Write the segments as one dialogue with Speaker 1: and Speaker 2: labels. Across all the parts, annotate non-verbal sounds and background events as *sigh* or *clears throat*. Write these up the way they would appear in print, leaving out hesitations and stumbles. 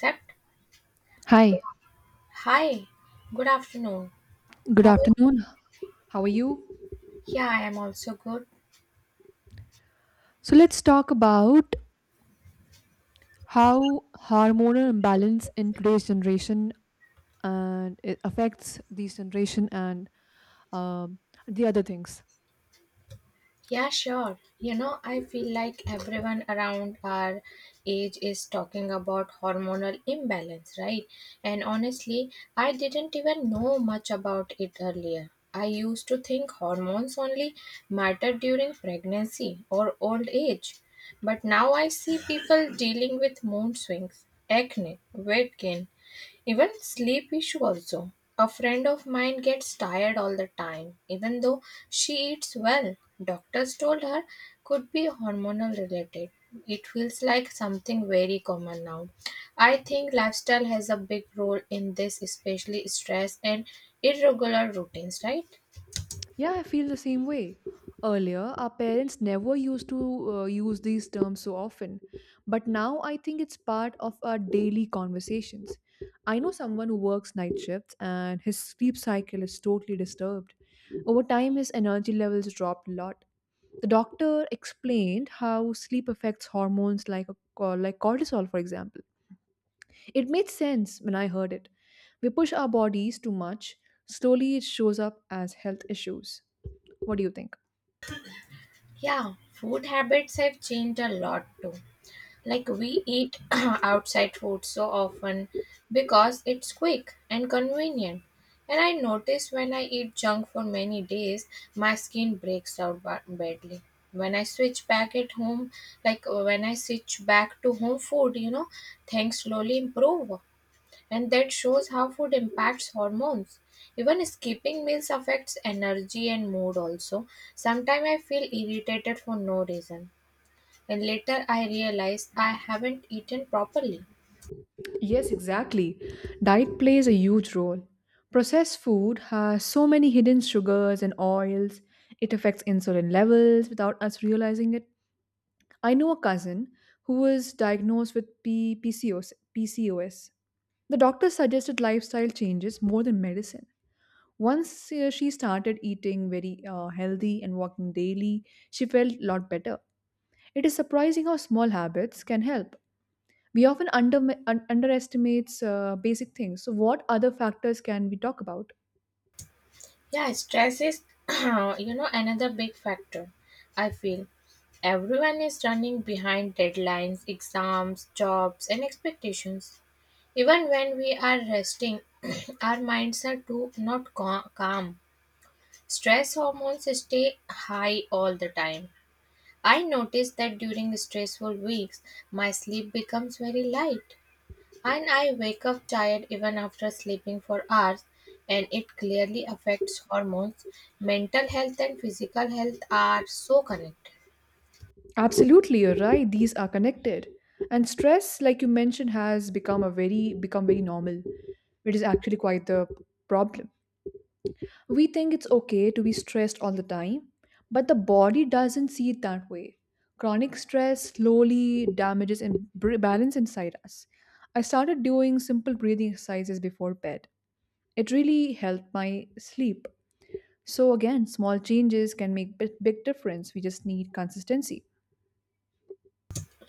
Speaker 1: That
Speaker 2: Hi,
Speaker 1: hi, good afternoon.
Speaker 2: good
Speaker 1: How are you?
Speaker 2: afternoon. How are you?
Speaker 1: Yeah, I am also good.
Speaker 2: So, let's talk about how hormonal imbalance in today's generation and it affects this generation and um, the other things.
Speaker 1: Yeah, sure. You know, I feel like everyone around our age is talking about hormonal imbalance, right? And honestly, I didn't even know much about it earlier. I used to think hormones only matter during pregnancy or old age. But now I see people dealing with mood swings, acne, weight gain, even sleep issue also. A friend of mine gets tired all the time, even though she eats well. Doctors told her could be hormonal related. It feels like something very common now. I think lifestyle has a big role in this, especially stress and irregular routines, right?
Speaker 2: Yeah, I feel the same way. Earlier, our parents never used to use these terms so often, but now I think it's part of our daily conversations. I know someone who works night shifts and his sleep cycle is totally disturbed. Over time, his energy levels dropped a lot. The doctor explained how sleep affects hormones like like cortisol, for example. It made sense when I heard it. We push our bodies too much. Slowly, it shows up as health issues. What do you think?
Speaker 1: Yeah, food habits have changed a lot too. Like, we eat *clears throat* outside food so often because it's quick and convenient. And I notice when I eat junk for many days, my skin breaks out badly. When I switch back at home, when I switch back to home food, things slowly improve. And that shows how food impacts hormones. Even skipping meals affects energy and mood also. Sometimes I feel irritated for no reason and later I realized I haven't eaten properly.
Speaker 2: Yes, exactly. Diet plays a huge role. Processed food has so many hidden sugars and oils. It affects insulin levels without us realizing it. I know a cousin who was diagnosed with PCOS. The doctor suggested lifestyle changes more than medicine. Once she started eating very healthy and walking daily, she felt a lot better. It is surprising how small habits can help. We often underestimates basic things. So, what other factors can we talk about?
Speaker 1: Yeah, stress is, *clears throat* you know, another big factor. I feel everyone is running behind deadlines, exams, jobs, and expectations. Even when we are resting, *clears throat* our minds are too not calm. Stress hormones stay high all the time. I noticed that during stressful weeks, my sleep becomes very light. And I wake up tired even after sleeping for hours, and it clearly affects hormones. Mental health and physical health are so connected.
Speaker 2: Absolutely, you're right. These are connected. And stress, like you mentioned, has become very normal. It is actually quite the problem. We think it's okay to be stressed all the time, but the body doesn't see it that way. Chronic stress slowly damages and balance inside us. I started doing simple breathing exercises before bed. It really helped my sleep. So again, small changes can make big, big difference. We just need consistency.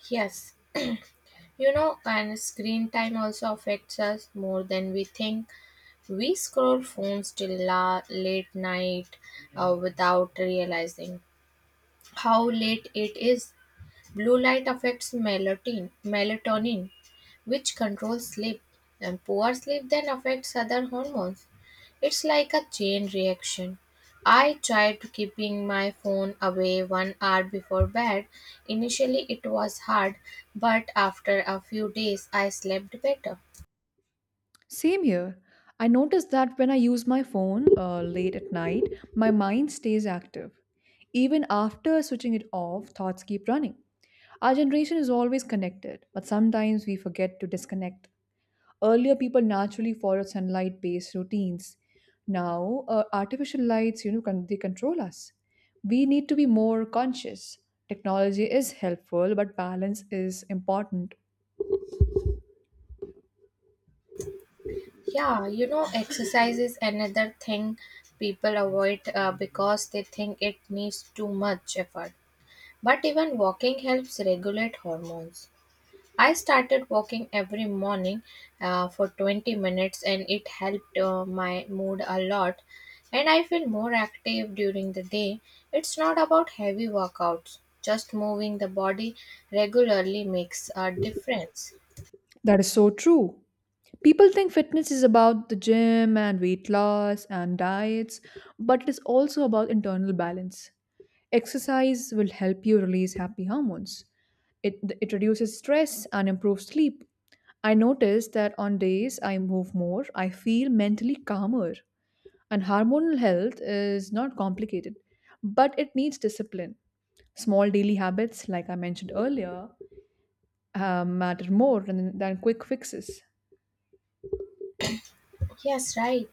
Speaker 1: Yes, you know, and screen time also affects us more than we think. We scroll phones till late night without realizing how late it is. Blue light affects melatonin, which controls sleep, and poor sleep then affects other hormones. It's like a chain reaction. I tried to keeping my phone away one hour before bed. Initially, it was hard, but after a few days, I slept better.
Speaker 2: Same here. I notice that when I use my phone late at night, my mind stays active. Even after switching it off, thoughts keep running. Our generation is always connected, but sometimes we forget to disconnect. Earlier, people naturally followed sunlight based routines. Now, artificial lights, you know, they control us. We need to be more conscious. Technology is helpful, but balance is important.
Speaker 1: Yeah, you know, exercise is another thing people avoid because they think it needs too much effort. But even walking helps regulate hormones. I started walking every morning for 20 minutes and it helped my mood a lot, and I feel more active during the day. It's not about heavy workouts. Just moving the body regularly makes a difference.
Speaker 2: That is so true. People think fitness is about the gym and weight loss and diets, but it is also about internal balance. Exercise will help you release happy hormones. It, it reduces stress and improves sleep. I noticed that on days I move more, I feel mentally calmer. And hormonal health is not complicated, but it needs discipline. Small daily habits, like I mentioned earlier, matter more than quick fixes.
Speaker 1: Yes, right.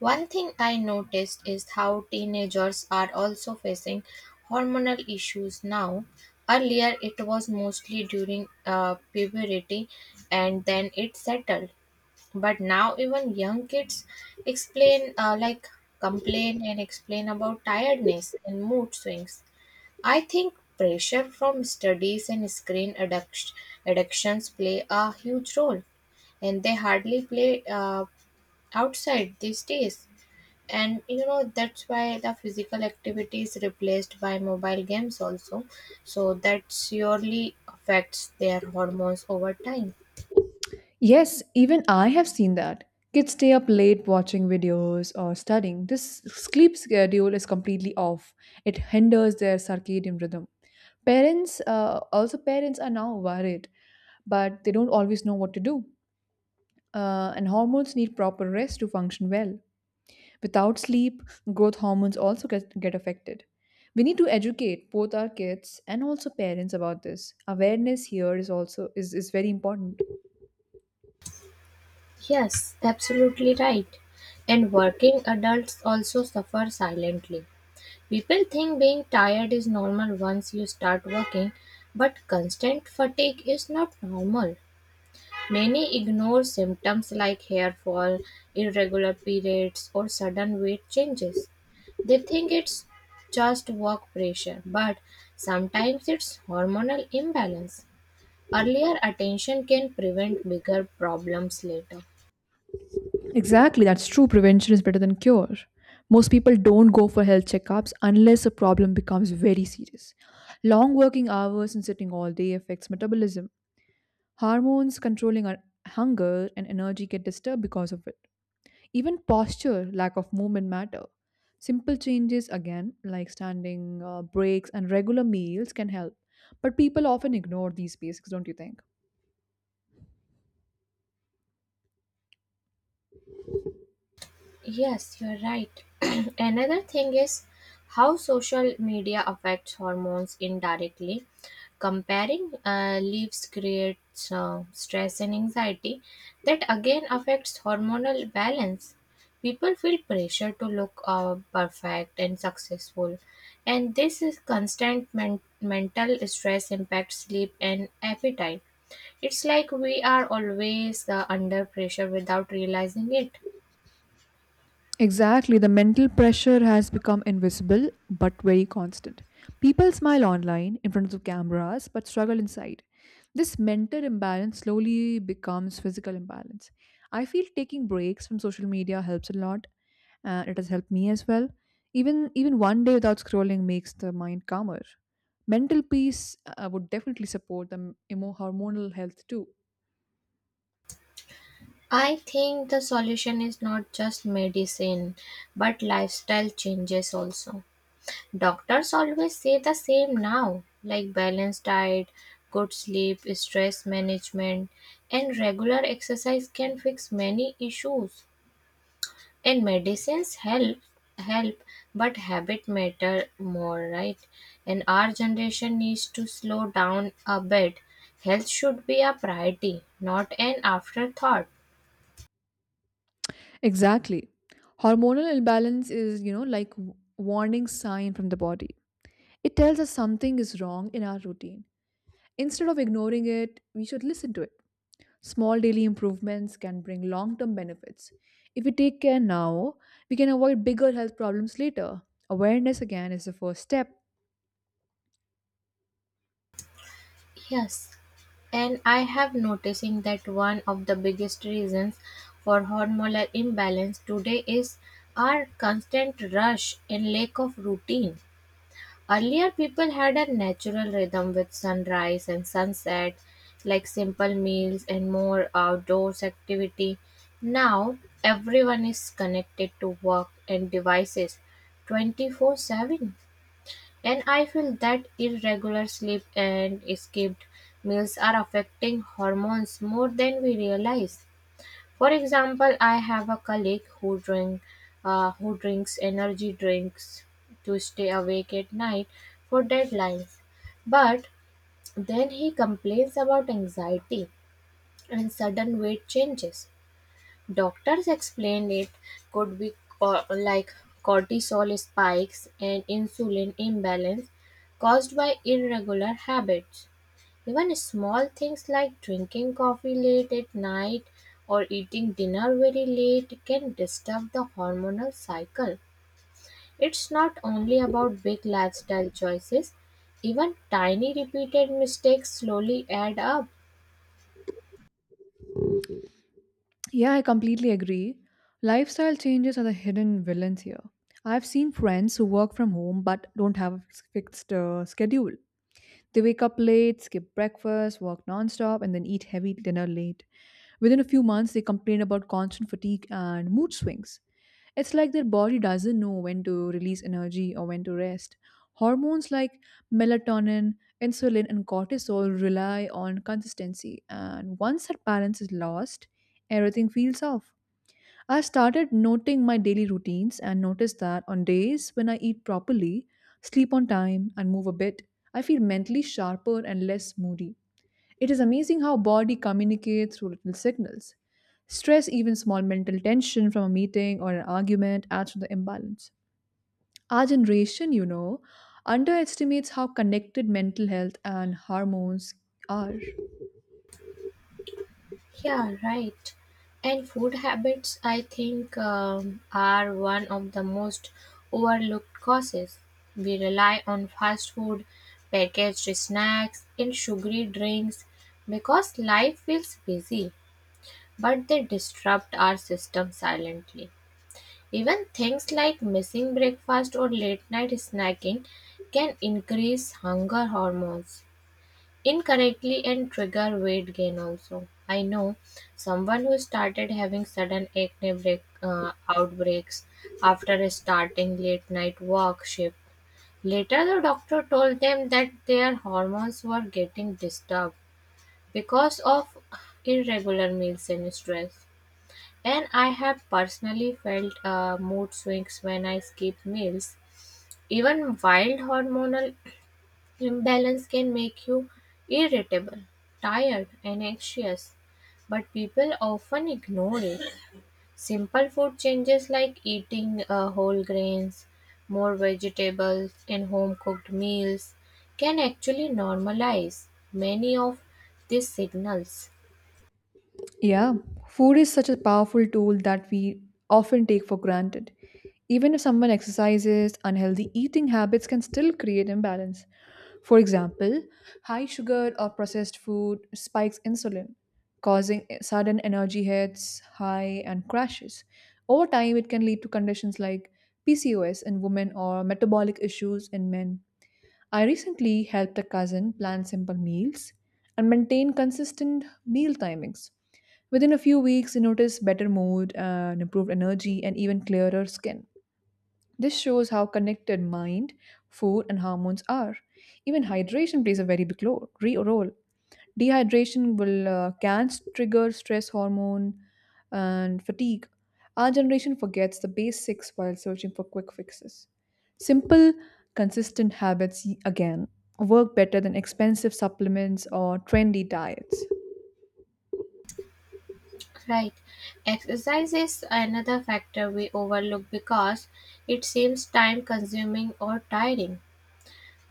Speaker 1: One thing I noticed is how teenagers are also facing hormonal issues now. Earlier, it was mostly during puberty and then it settled. But now even young kids explain like complain and explain about tiredness and mood swings. I think pressure from studies and screen addictions play a huge role, and they hardly play outside these days. And you know, that's why the physical activity is replaced by mobile games also, so that surely affects their hormones over time.
Speaker 2: Yes, even I have seen that. Kids stay up late watching videos or studying. This sleep schedule is completely off. It hinders their circadian rhythm. Parents are now worried, but they don't always know what to do. And hormones need proper rest to function well. Without sleep, growth hormones also get affected. We need to educate both our kids and also parents about this. Awareness here is also is very important.
Speaker 1: Yes, absolutely right. And working adults also suffer silently. People think being tired is normal once you start working, but constant fatigue is not normal. Many ignore symptoms like hair fall, irregular periods, or sudden weight changes. They think it's just work pressure, but sometimes it's hormonal imbalance. Earlier attention can prevent bigger problems later.
Speaker 2: Exactly, that's true. Prevention is better than cure. Most people don't go for health checkups unless a problem becomes very serious. Long working hours and sitting all day affects metabolism. Hormones controlling our hunger and energy get disturbed because of it. Even posture, lack of movement matter. Simple changes again, like standing, breaks, and regular meals can help. But people often ignore these basics, don't you think?
Speaker 1: Yes, you're right. *clears throat* Another thing is how social media affects hormones indirectly. Comparing leaves creates stress and anxiety that again affects hormonal balance. People feel pressure to look perfect and successful, and this is constant mental stress impacts sleep and appetite. It's like we are always under pressure without realizing it.
Speaker 2: Exactly. The mental pressure has become invisible but very constant. People smile online in front of cameras but struggle inside. This mental imbalance slowly becomes physical imbalance. I feel taking breaks from social media helps a lot. It has helped me as well. Even one day without scrolling makes the mind calmer. Mental peace would definitely support the hormonal health too.
Speaker 1: I think the solution is not just medicine, but lifestyle changes also. Doctors always say the same now, like balanced diet, good sleep, stress management, and regular exercise can fix many issues. And medicines help, but habit matter more, right? And our generation needs to slow down a bit. Health should be a priority, not an afterthought.
Speaker 2: Exactly. Hormonal imbalance is, you know, like warning sign from the body. It tells us something is wrong in our routine. Instead of ignoring it, we should listen to it. Small daily improvements can bring long-term benefits. If we take care now, we can avoid bigger health problems later. Awareness again is the first step.
Speaker 1: Yes, and I have noticing that one of the biggest reasons for hormonal imbalance today is our constant rush and lack of routine. Earlier, people had a natural rhythm with sunrise and sunset, like simple meals and more outdoors activity. Now, everyone is connected to work and devices 24/7. And I feel that irregular sleep and skipped meals are affecting hormones more than we realize. For example, I have a colleague who drinks energy drinks to stay awake at night for deadlines, but then he complains about anxiety and sudden weight changes. Doctors explained it could be co- like cortisol spikes and insulin imbalance caused by irregular habits. Even small things like drinking coffee late at night or eating dinner very late can disturb the hormonal cycle. It's not only about big lifestyle choices, even tiny repeated mistakes slowly add up.
Speaker 2: Yeah, I completely agree. Lifestyle changes are the hidden villains here. I've seen friends who work from home but don't have a fixed schedule. They wake up late, skip breakfast, work nonstop, and then eat heavy dinner late. Within a few months, they complain about constant fatigue and mood swings. It's like their body doesn't know when to release energy or when to rest. Hormones like melatonin, insulin, and cortisol rely on consistency, and once that balance is lost, everything feels off. I started noting my daily routines and noticed that on days when I eat properly, sleep on time, and move a bit, I feel mentally sharper and less moody. It is amazing how body communicates through little signals. Stress, even small mental tension from a meeting or an argument, adds to the imbalance. Our generation, you know, underestimates how connected mental health and hormones are.
Speaker 1: Yeah, right. And food habits, I think, are one of the most overlooked causes. We rely on fast food, packaged snacks, and sugary drinks because life feels busy, but they disrupt our system silently. Even things like missing breakfast or late night snacking can increase hunger hormones incorrectly and trigger weight gain also. I know someone who started having sudden acne outbreaks after starting late night walk shift. Later, the doctor told them that their hormones were getting disturbed because of irregular meals and stress. And I have personally felt mood swings when I skip meals. Even wild hormonal imbalance can make you irritable, tired, and anxious, but people often ignore it. Simple food changes like eating whole grains, more vegetables, and home cooked meals can actually normalize many of these signals.
Speaker 2: Yeah, food is such a powerful tool that we often take for granted. Even if someone exercises, unhealthy eating habits can still create imbalance. For example, high sugar or processed food spikes insulin, causing sudden energy hits, high, and crashes. Over time, it can lead to conditions like PCOS in women or metabolic issues in men. I recently helped a cousin plan simple meals and maintain consistent meal timings. Within a few weeks, you notice better mood, and improved energy, and even clearer skin. This shows how connected mind, food, and hormones are. Even hydration plays a very big role. Dehydration will can trigger stress hormone and fatigue. Our generation forgets the basics while searching for quick fixes. Simple, consistent habits again work better than expensive supplements or trendy diets.
Speaker 1: Right. Exercise is another factor we overlook because it seems time consuming or tiring.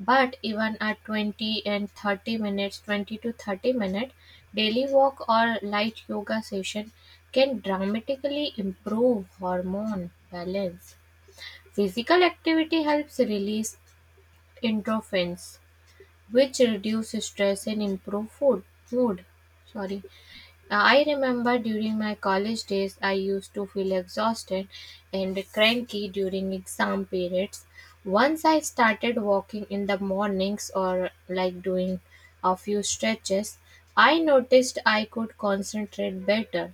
Speaker 1: But even a 20 to 30 minute daily walk or light yoga session can dramatically improve hormone balance. Physical activity helps release endorphins, which reduce stress and improve food mood. Sorry. Now, I remember during my college days, I used to feel exhausted and cranky during exam periods. Once I started walking in the mornings or like doing a few stretches, I noticed I could concentrate better,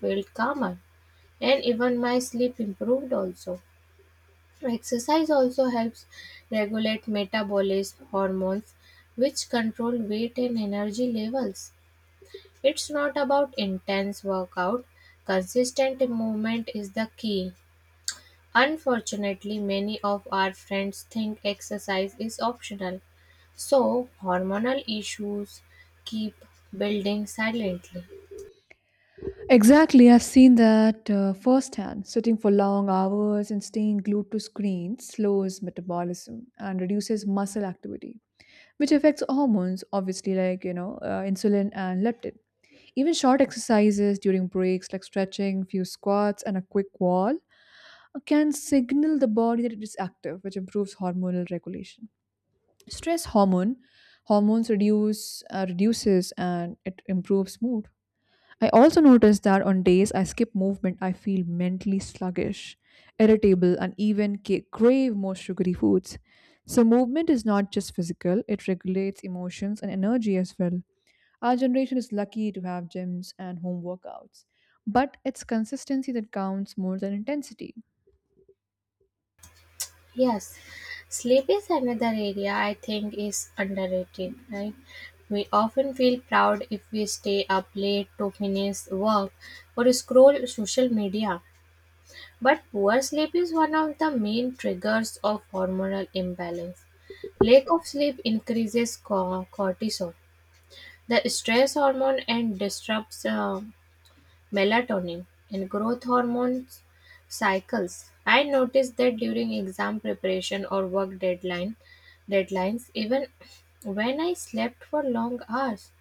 Speaker 1: felt calmer, and even my sleep improved also. Exercise also helps regulate metabolism hormones, which control weight and energy levels. It's not about intense workout, consistent movement is the key. Unfortunately, many of our friends think exercise is optional, so hormonal issues keep building silently.
Speaker 2: Exactly, I've seen that firsthand. Sitting for long hours and staying glued to screens slows metabolism and reduces muscle activity, which affects hormones, obviously, like you know, insulin and leptin. Even short exercises during breaks, like stretching, few squats, and a quick wall, can signal the body that it is active, which improves hormonal regulation. Stress hormones reduces and it improves mood. I also notice that on days I skip movement, I feel mentally sluggish, irritable, and even crave more sugary foods. So, movement is not just physical, it regulates emotions and energy as well. Our generation is lucky to have gyms and home workouts, but it's consistency that counts more than intensity.
Speaker 1: Yes, sleep is another area I think is underrated, right? We often feel proud if we stay up late to finish work or scroll social media. But poor sleep is one of the main triggers of hormonal imbalance. Lack of sleep increases cortisol, the stress hormone, and disrupts melatonin and growth hormones cycles. I noticed that during exam preparation or work deadlines, even when I slept for long hours,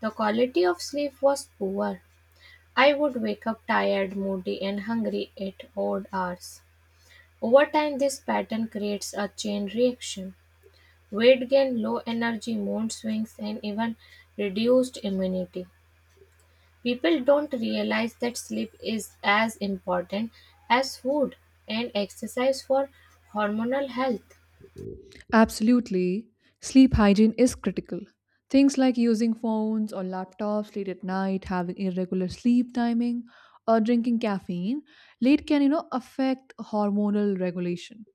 Speaker 1: the quality of sleep was poor. I would wake up tired, moody, and hungry at odd hours. Over time, this pattern creates a chain reaction: weight gain, low energy, mood swings, and even reduced immunity. People don't realize that sleep is as important as food and exercise for hormonal health.
Speaker 2: Absolutely. Sleep hygiene is critical. Things like using phones or laptops late at night, having irregular sleep timing, or drinking caffeine late can you know affect hormonal regulation.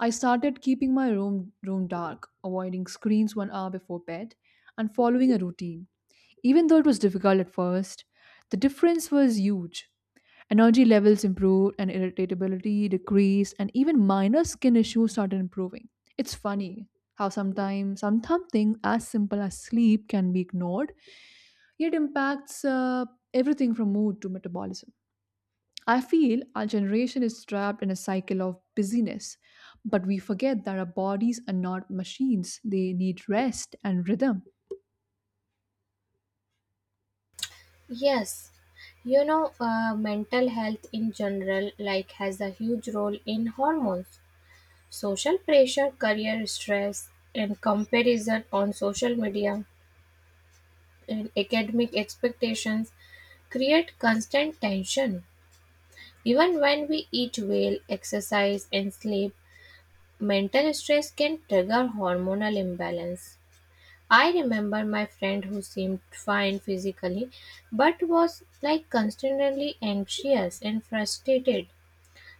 Speaker 2: I started keeping my room dark, avoiding screens one hour before bed, and following a routine. Even though it was difficult at first, the difference was huge. Energy levels improved and irritability decreased, and even minor skin issues started improving. It's funny how sometimes something as simple as sleep can be ignored, yet impacts everything from mood to metabolism. I feel our generation is trapped in a cycle of busyness, but we forget that our bodies are not machines. They need rest and rhythm.
Speaker 1: Yes, you know, mental health in general, like, has a huge role in hormones. Social pressure, career stress, and comparison on social media and academic expectations create constant tension. Even when we eat well, exercise, and sleep, mental stress can trigger hormonal imbalance. I remember my friend who seemed fine physically but was like constantly anxious and frustrated.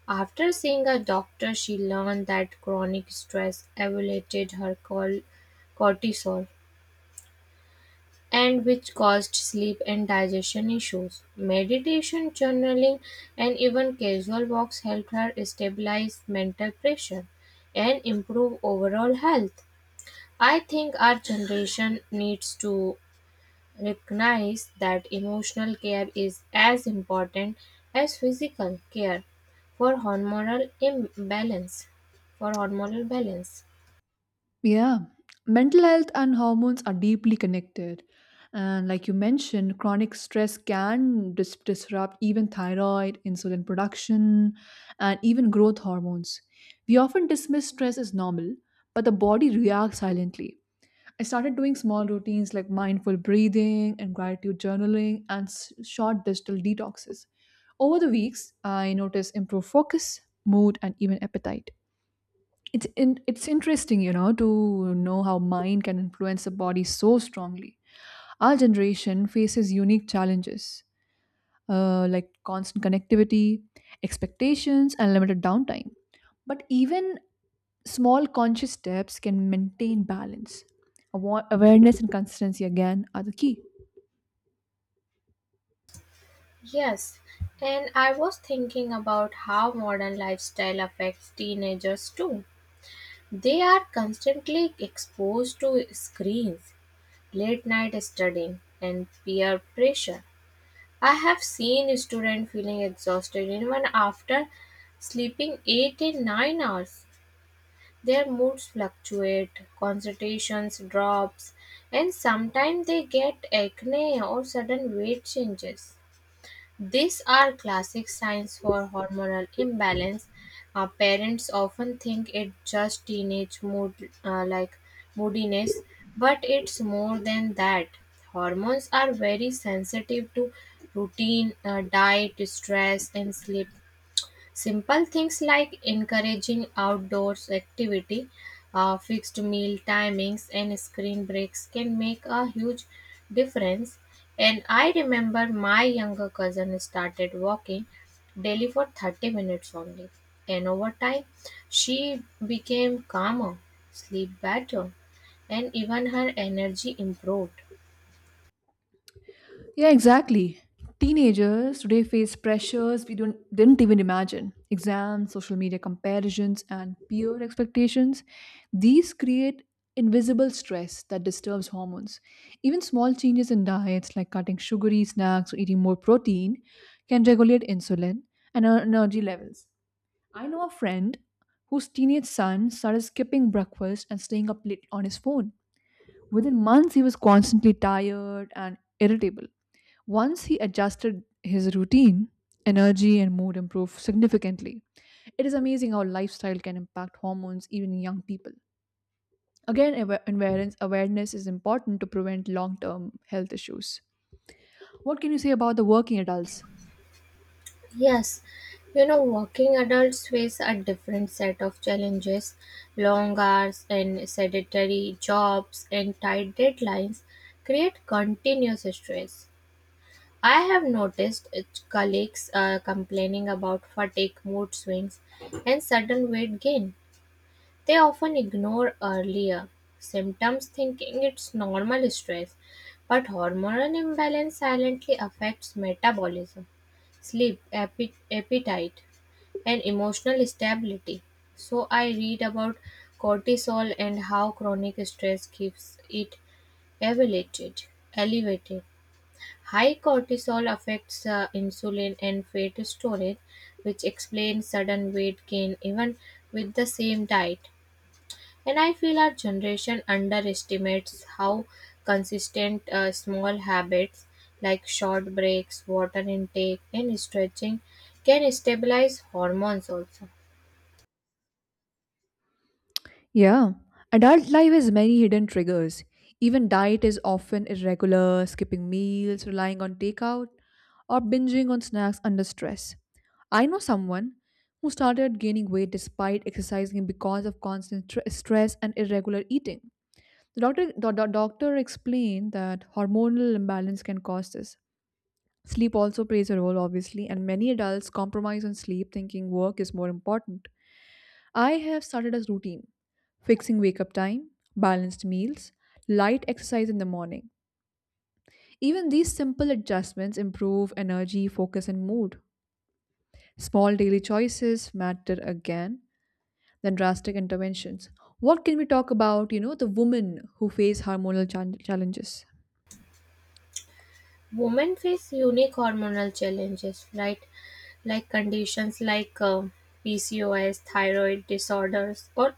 Speaker 1: After seeing a doctor, she learned that chronic stress elevated her cortisol, and which caused sleep and digestion issues. Meditation, journaling, and even casual walks helped her stabilize mental pressure and improve overall health. I think our generation needs to recognize that emotional care is as important as physical care for hormonal imbalance for hormonal balance.
Speaker 2: Yeah, mental health and hormones are deeply connected. And like you mentioned, chronic stress can disrupt even thyroid, insulin production, and even growth hormones. We often dismiss stress as normal, but the body reacts silently. I started doing small routines like mindful breathing and gratitude journaling and short digital detoxes. Over the weeks, I noticed improved focus, mood, and even appetite. It's it's interesting, you know, to know how mind can influence the body so strongly. Our generation faces unique challenges like constant connectivity, expectations, and limited downtime. But even small conscious steps can maintain balance. Awareness and consistency again are the key.
Speaker 1: Yes, and I was thinking about how modern lifestyle affects teenagers too. They are constantly exposed to screens, late night studying, and peer pressure. I have seen students feeling exhausted even after sleeping 8 and 9 hours. Their moods fluctuate, concentrations drops, and sometimes they get acne or sudden weight changes. These are classic signs for hormonal imbalance. Parents often think it's just teenage moodiness, but it's more than that. Hormones are very sensitive to routine, diet, stress, and sleep. Simple things like encouraging outdoors activity, fixed meal timings, and screen breaks can make a huge difference. And I remember my younger cousin started walking daily for 30 minutes only. And over time, she became calmer, sleep better, and even her energy improved.
Speaker 2: Yeah, exactly. Teenagers today face pressures we don't didn't even imagine. Exams, social media comparisons, and peer expectations. These create invisible stress that disturbs hormones. Even small changes in diets like cutting sugary snacks or eating more protein can regulate insulin and our energy levels. I know a friend whose teenage son started skipping breakfast and staying up late on his phone. Within months, he was constantly tired and irritable. Once he adjusted his routine, energy and mood improved significantly. It is amazing how lifestyle can impact hormones even in young people. Again, awareness is important to prevent long term health issues. What can you say about the working adults?
Speaker 1: Yes, you know, working adults face a different set of challenges: long hours and sedentary jobs and tight deadlines create continuous stress. I have noticed colleagues complaining about fatigue, mood swings, and sudden weight gain. They often ignore earlier symptoms, thinking it's normal stress, but hormonal imbalance silently affects metabolism, sleep, appetite and emotional stability. So I read about cortisol and how chronic stress keeps it elevated. Elevated. High cortisol affects insulin and fat storage, which explains sudden weight gain even with the same diet. And I feel our generation underestimates how consistent small habits like short breaks, water intake, and stretching can stabilize hormones also.
Speaker 2: Yeah, adult life has many hidden triggers. Even diet is often irregular, skipping meals, relying on takeout, or binging on snacks under stress. I know someone who started gaining weight despite exercising because of constant stress and irregular eating. The doctor explained that hormonal imbalance can cause this. Sleep also plays a role, obviously, and many adults compromise on sleep thinking work is more important. I have started a routine. Fixing wake up time, balanced meals, light exercise in the morning. Even these simple adjustments improve energy, focus, and mood. Small daily choices matter again than drastic interventions. What can we talk about, you know, the women who face hormonal challenges?
Speaker 1: Women face unique hormonal challenges, right? Like conditions like PCOS, thyroid disorders, or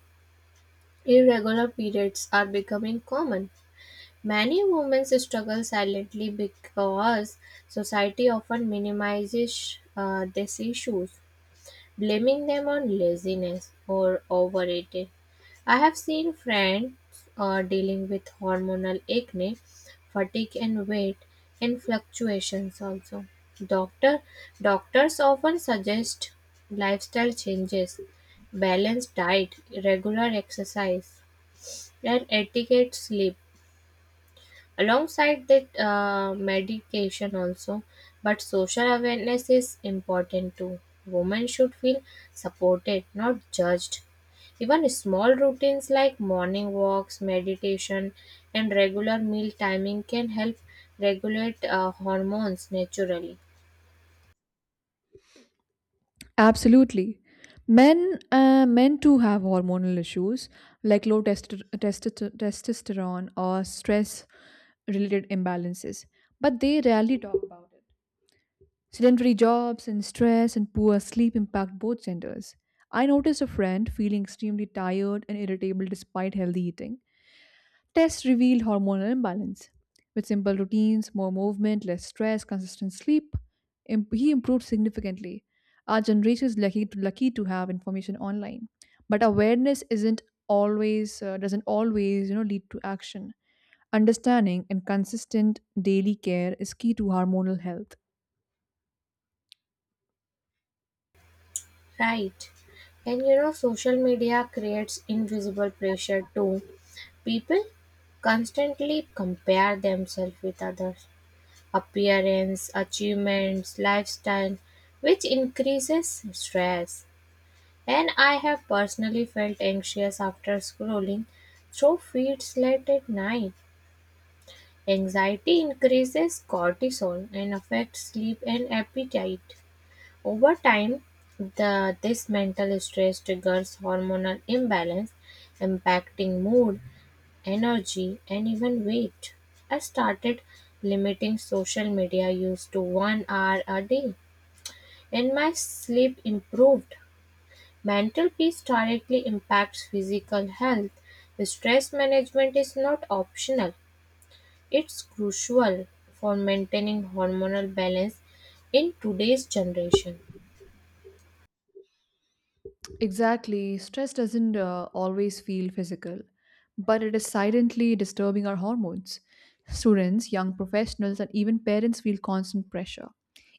Speaker 1: irregular periods are becoming common. Many women struggle silently because society often minimizes these issues, blaming them on laziness or overeating. I have seen friends dealing with hormonal acne, fatigue and weight and fluctuations also. Doctor doctors often suggest lifestyle changes, balanced diet, regular exercise and adequate sleep, alongside that medication also. But social awareness is important too. Women should feel supported, not judged. Even small routines like morning walks, meditation, and regular meal timing can help regulate hormones naturally,
Speaker 2: Absolutely. Men too have hormonal issues like low testosterone or stress related imbalances, but they rarely talk about it. Sedentary jobs and stress and poor sleep impact both genders. I noticed a friend feeling extremely tired and irritable despite healthy eating. Tests revealed hormonal imbalance. With simple routines, more movement, less stress, consistent sleep, he improved significantly. Our generation is lucky to have information online, but awareness isn't always doesn't always you know lead to action. Understanding and consistent daily care is key to hormonal health.
Speaker 1: right? And you know, social media creates invisible pressure too. People constantly compare themselves with others: appearance, achievements, lifestyle, which increases stress. And I have personally felt anxious after scrolling through feeds late at night. Anxiety increases cortisol and affects sleep and appetite. Over time, this mental stress triggers hormonal imbalance, impacting mood, energy, and even weight. I started limiting social media use to one hour a day, and my sleep improved. Mental peace directly impacts physical health. Stress management is not optional, it's crucial for maintaining hormonal balance in today's generation.
Speaker 2: Exactly. Stress doesn't always feel physical, but it is silently disturbing our hormones. Students, young professionals, and even parents feel constant pressure.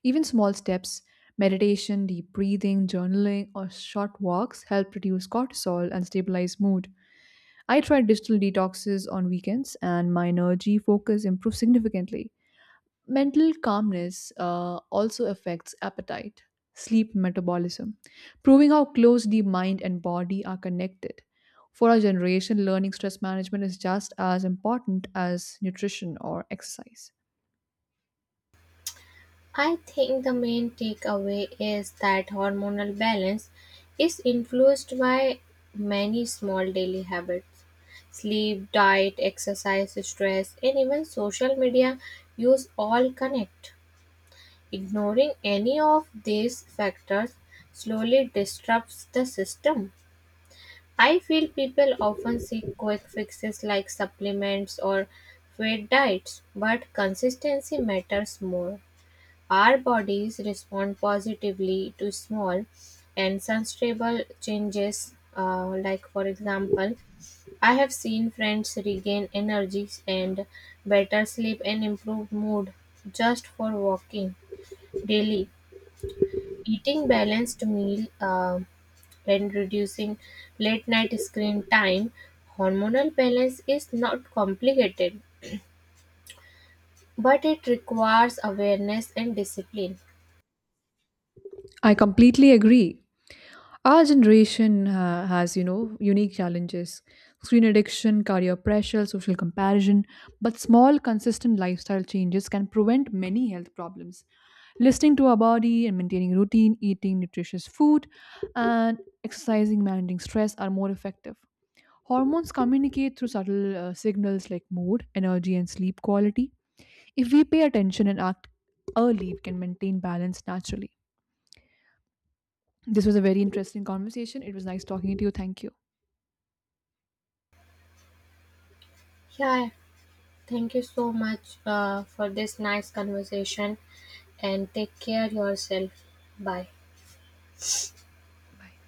Speaker 2: Even small steps, meditation, deep breathing, journaling, or short walks help reduce cortisol and stabilize mood. I try digital detoxes on weekends, and my energy focus improves significantly. Mental calmness also affects appetite, sleep metabolism, proving how close the mind and body are connected. For our generation, learning stress management is just as important as nutrition or exercise.
Speaker 1: I think the main takeaway is that hormonal balance is influenced by many small daily habits. Sleep, diet, exercise, stress, and even social media use all connect. Ignoring any of these factors slowly disrupts the system. I feel people often seek quick fixes like supplements or fad diets, but consistency matters more. Our bodies respond positively to small and sustainable changes, like, for example, I have seen friends regain energy and better sleep and improved mood just for walking daily. Eating balanced meal and reducing late night screen time, hormonal balance is not complicated, but it requires awareness and discipline.
Speaker 2: I completely agree. Our generation has, you know, unique challenges screen addiction, career pressure, social comparison. But small, consistent lifestyle changes can prevent many health problems. Listening to our body and maintaining routine, eating nutritious food, and exercising, managing stress are more effective. Hormones communicate through subtle signals like mood, energy, and sleep quality. If we pay attention and act early, we can maintain balance naturally. This was a very interesting conversation. It was nice talking to you. Thank you.
Speaker 1: Yeah, thank you so much for this nice conversation and take care yourself. Bye.
Speaker 2: Bye.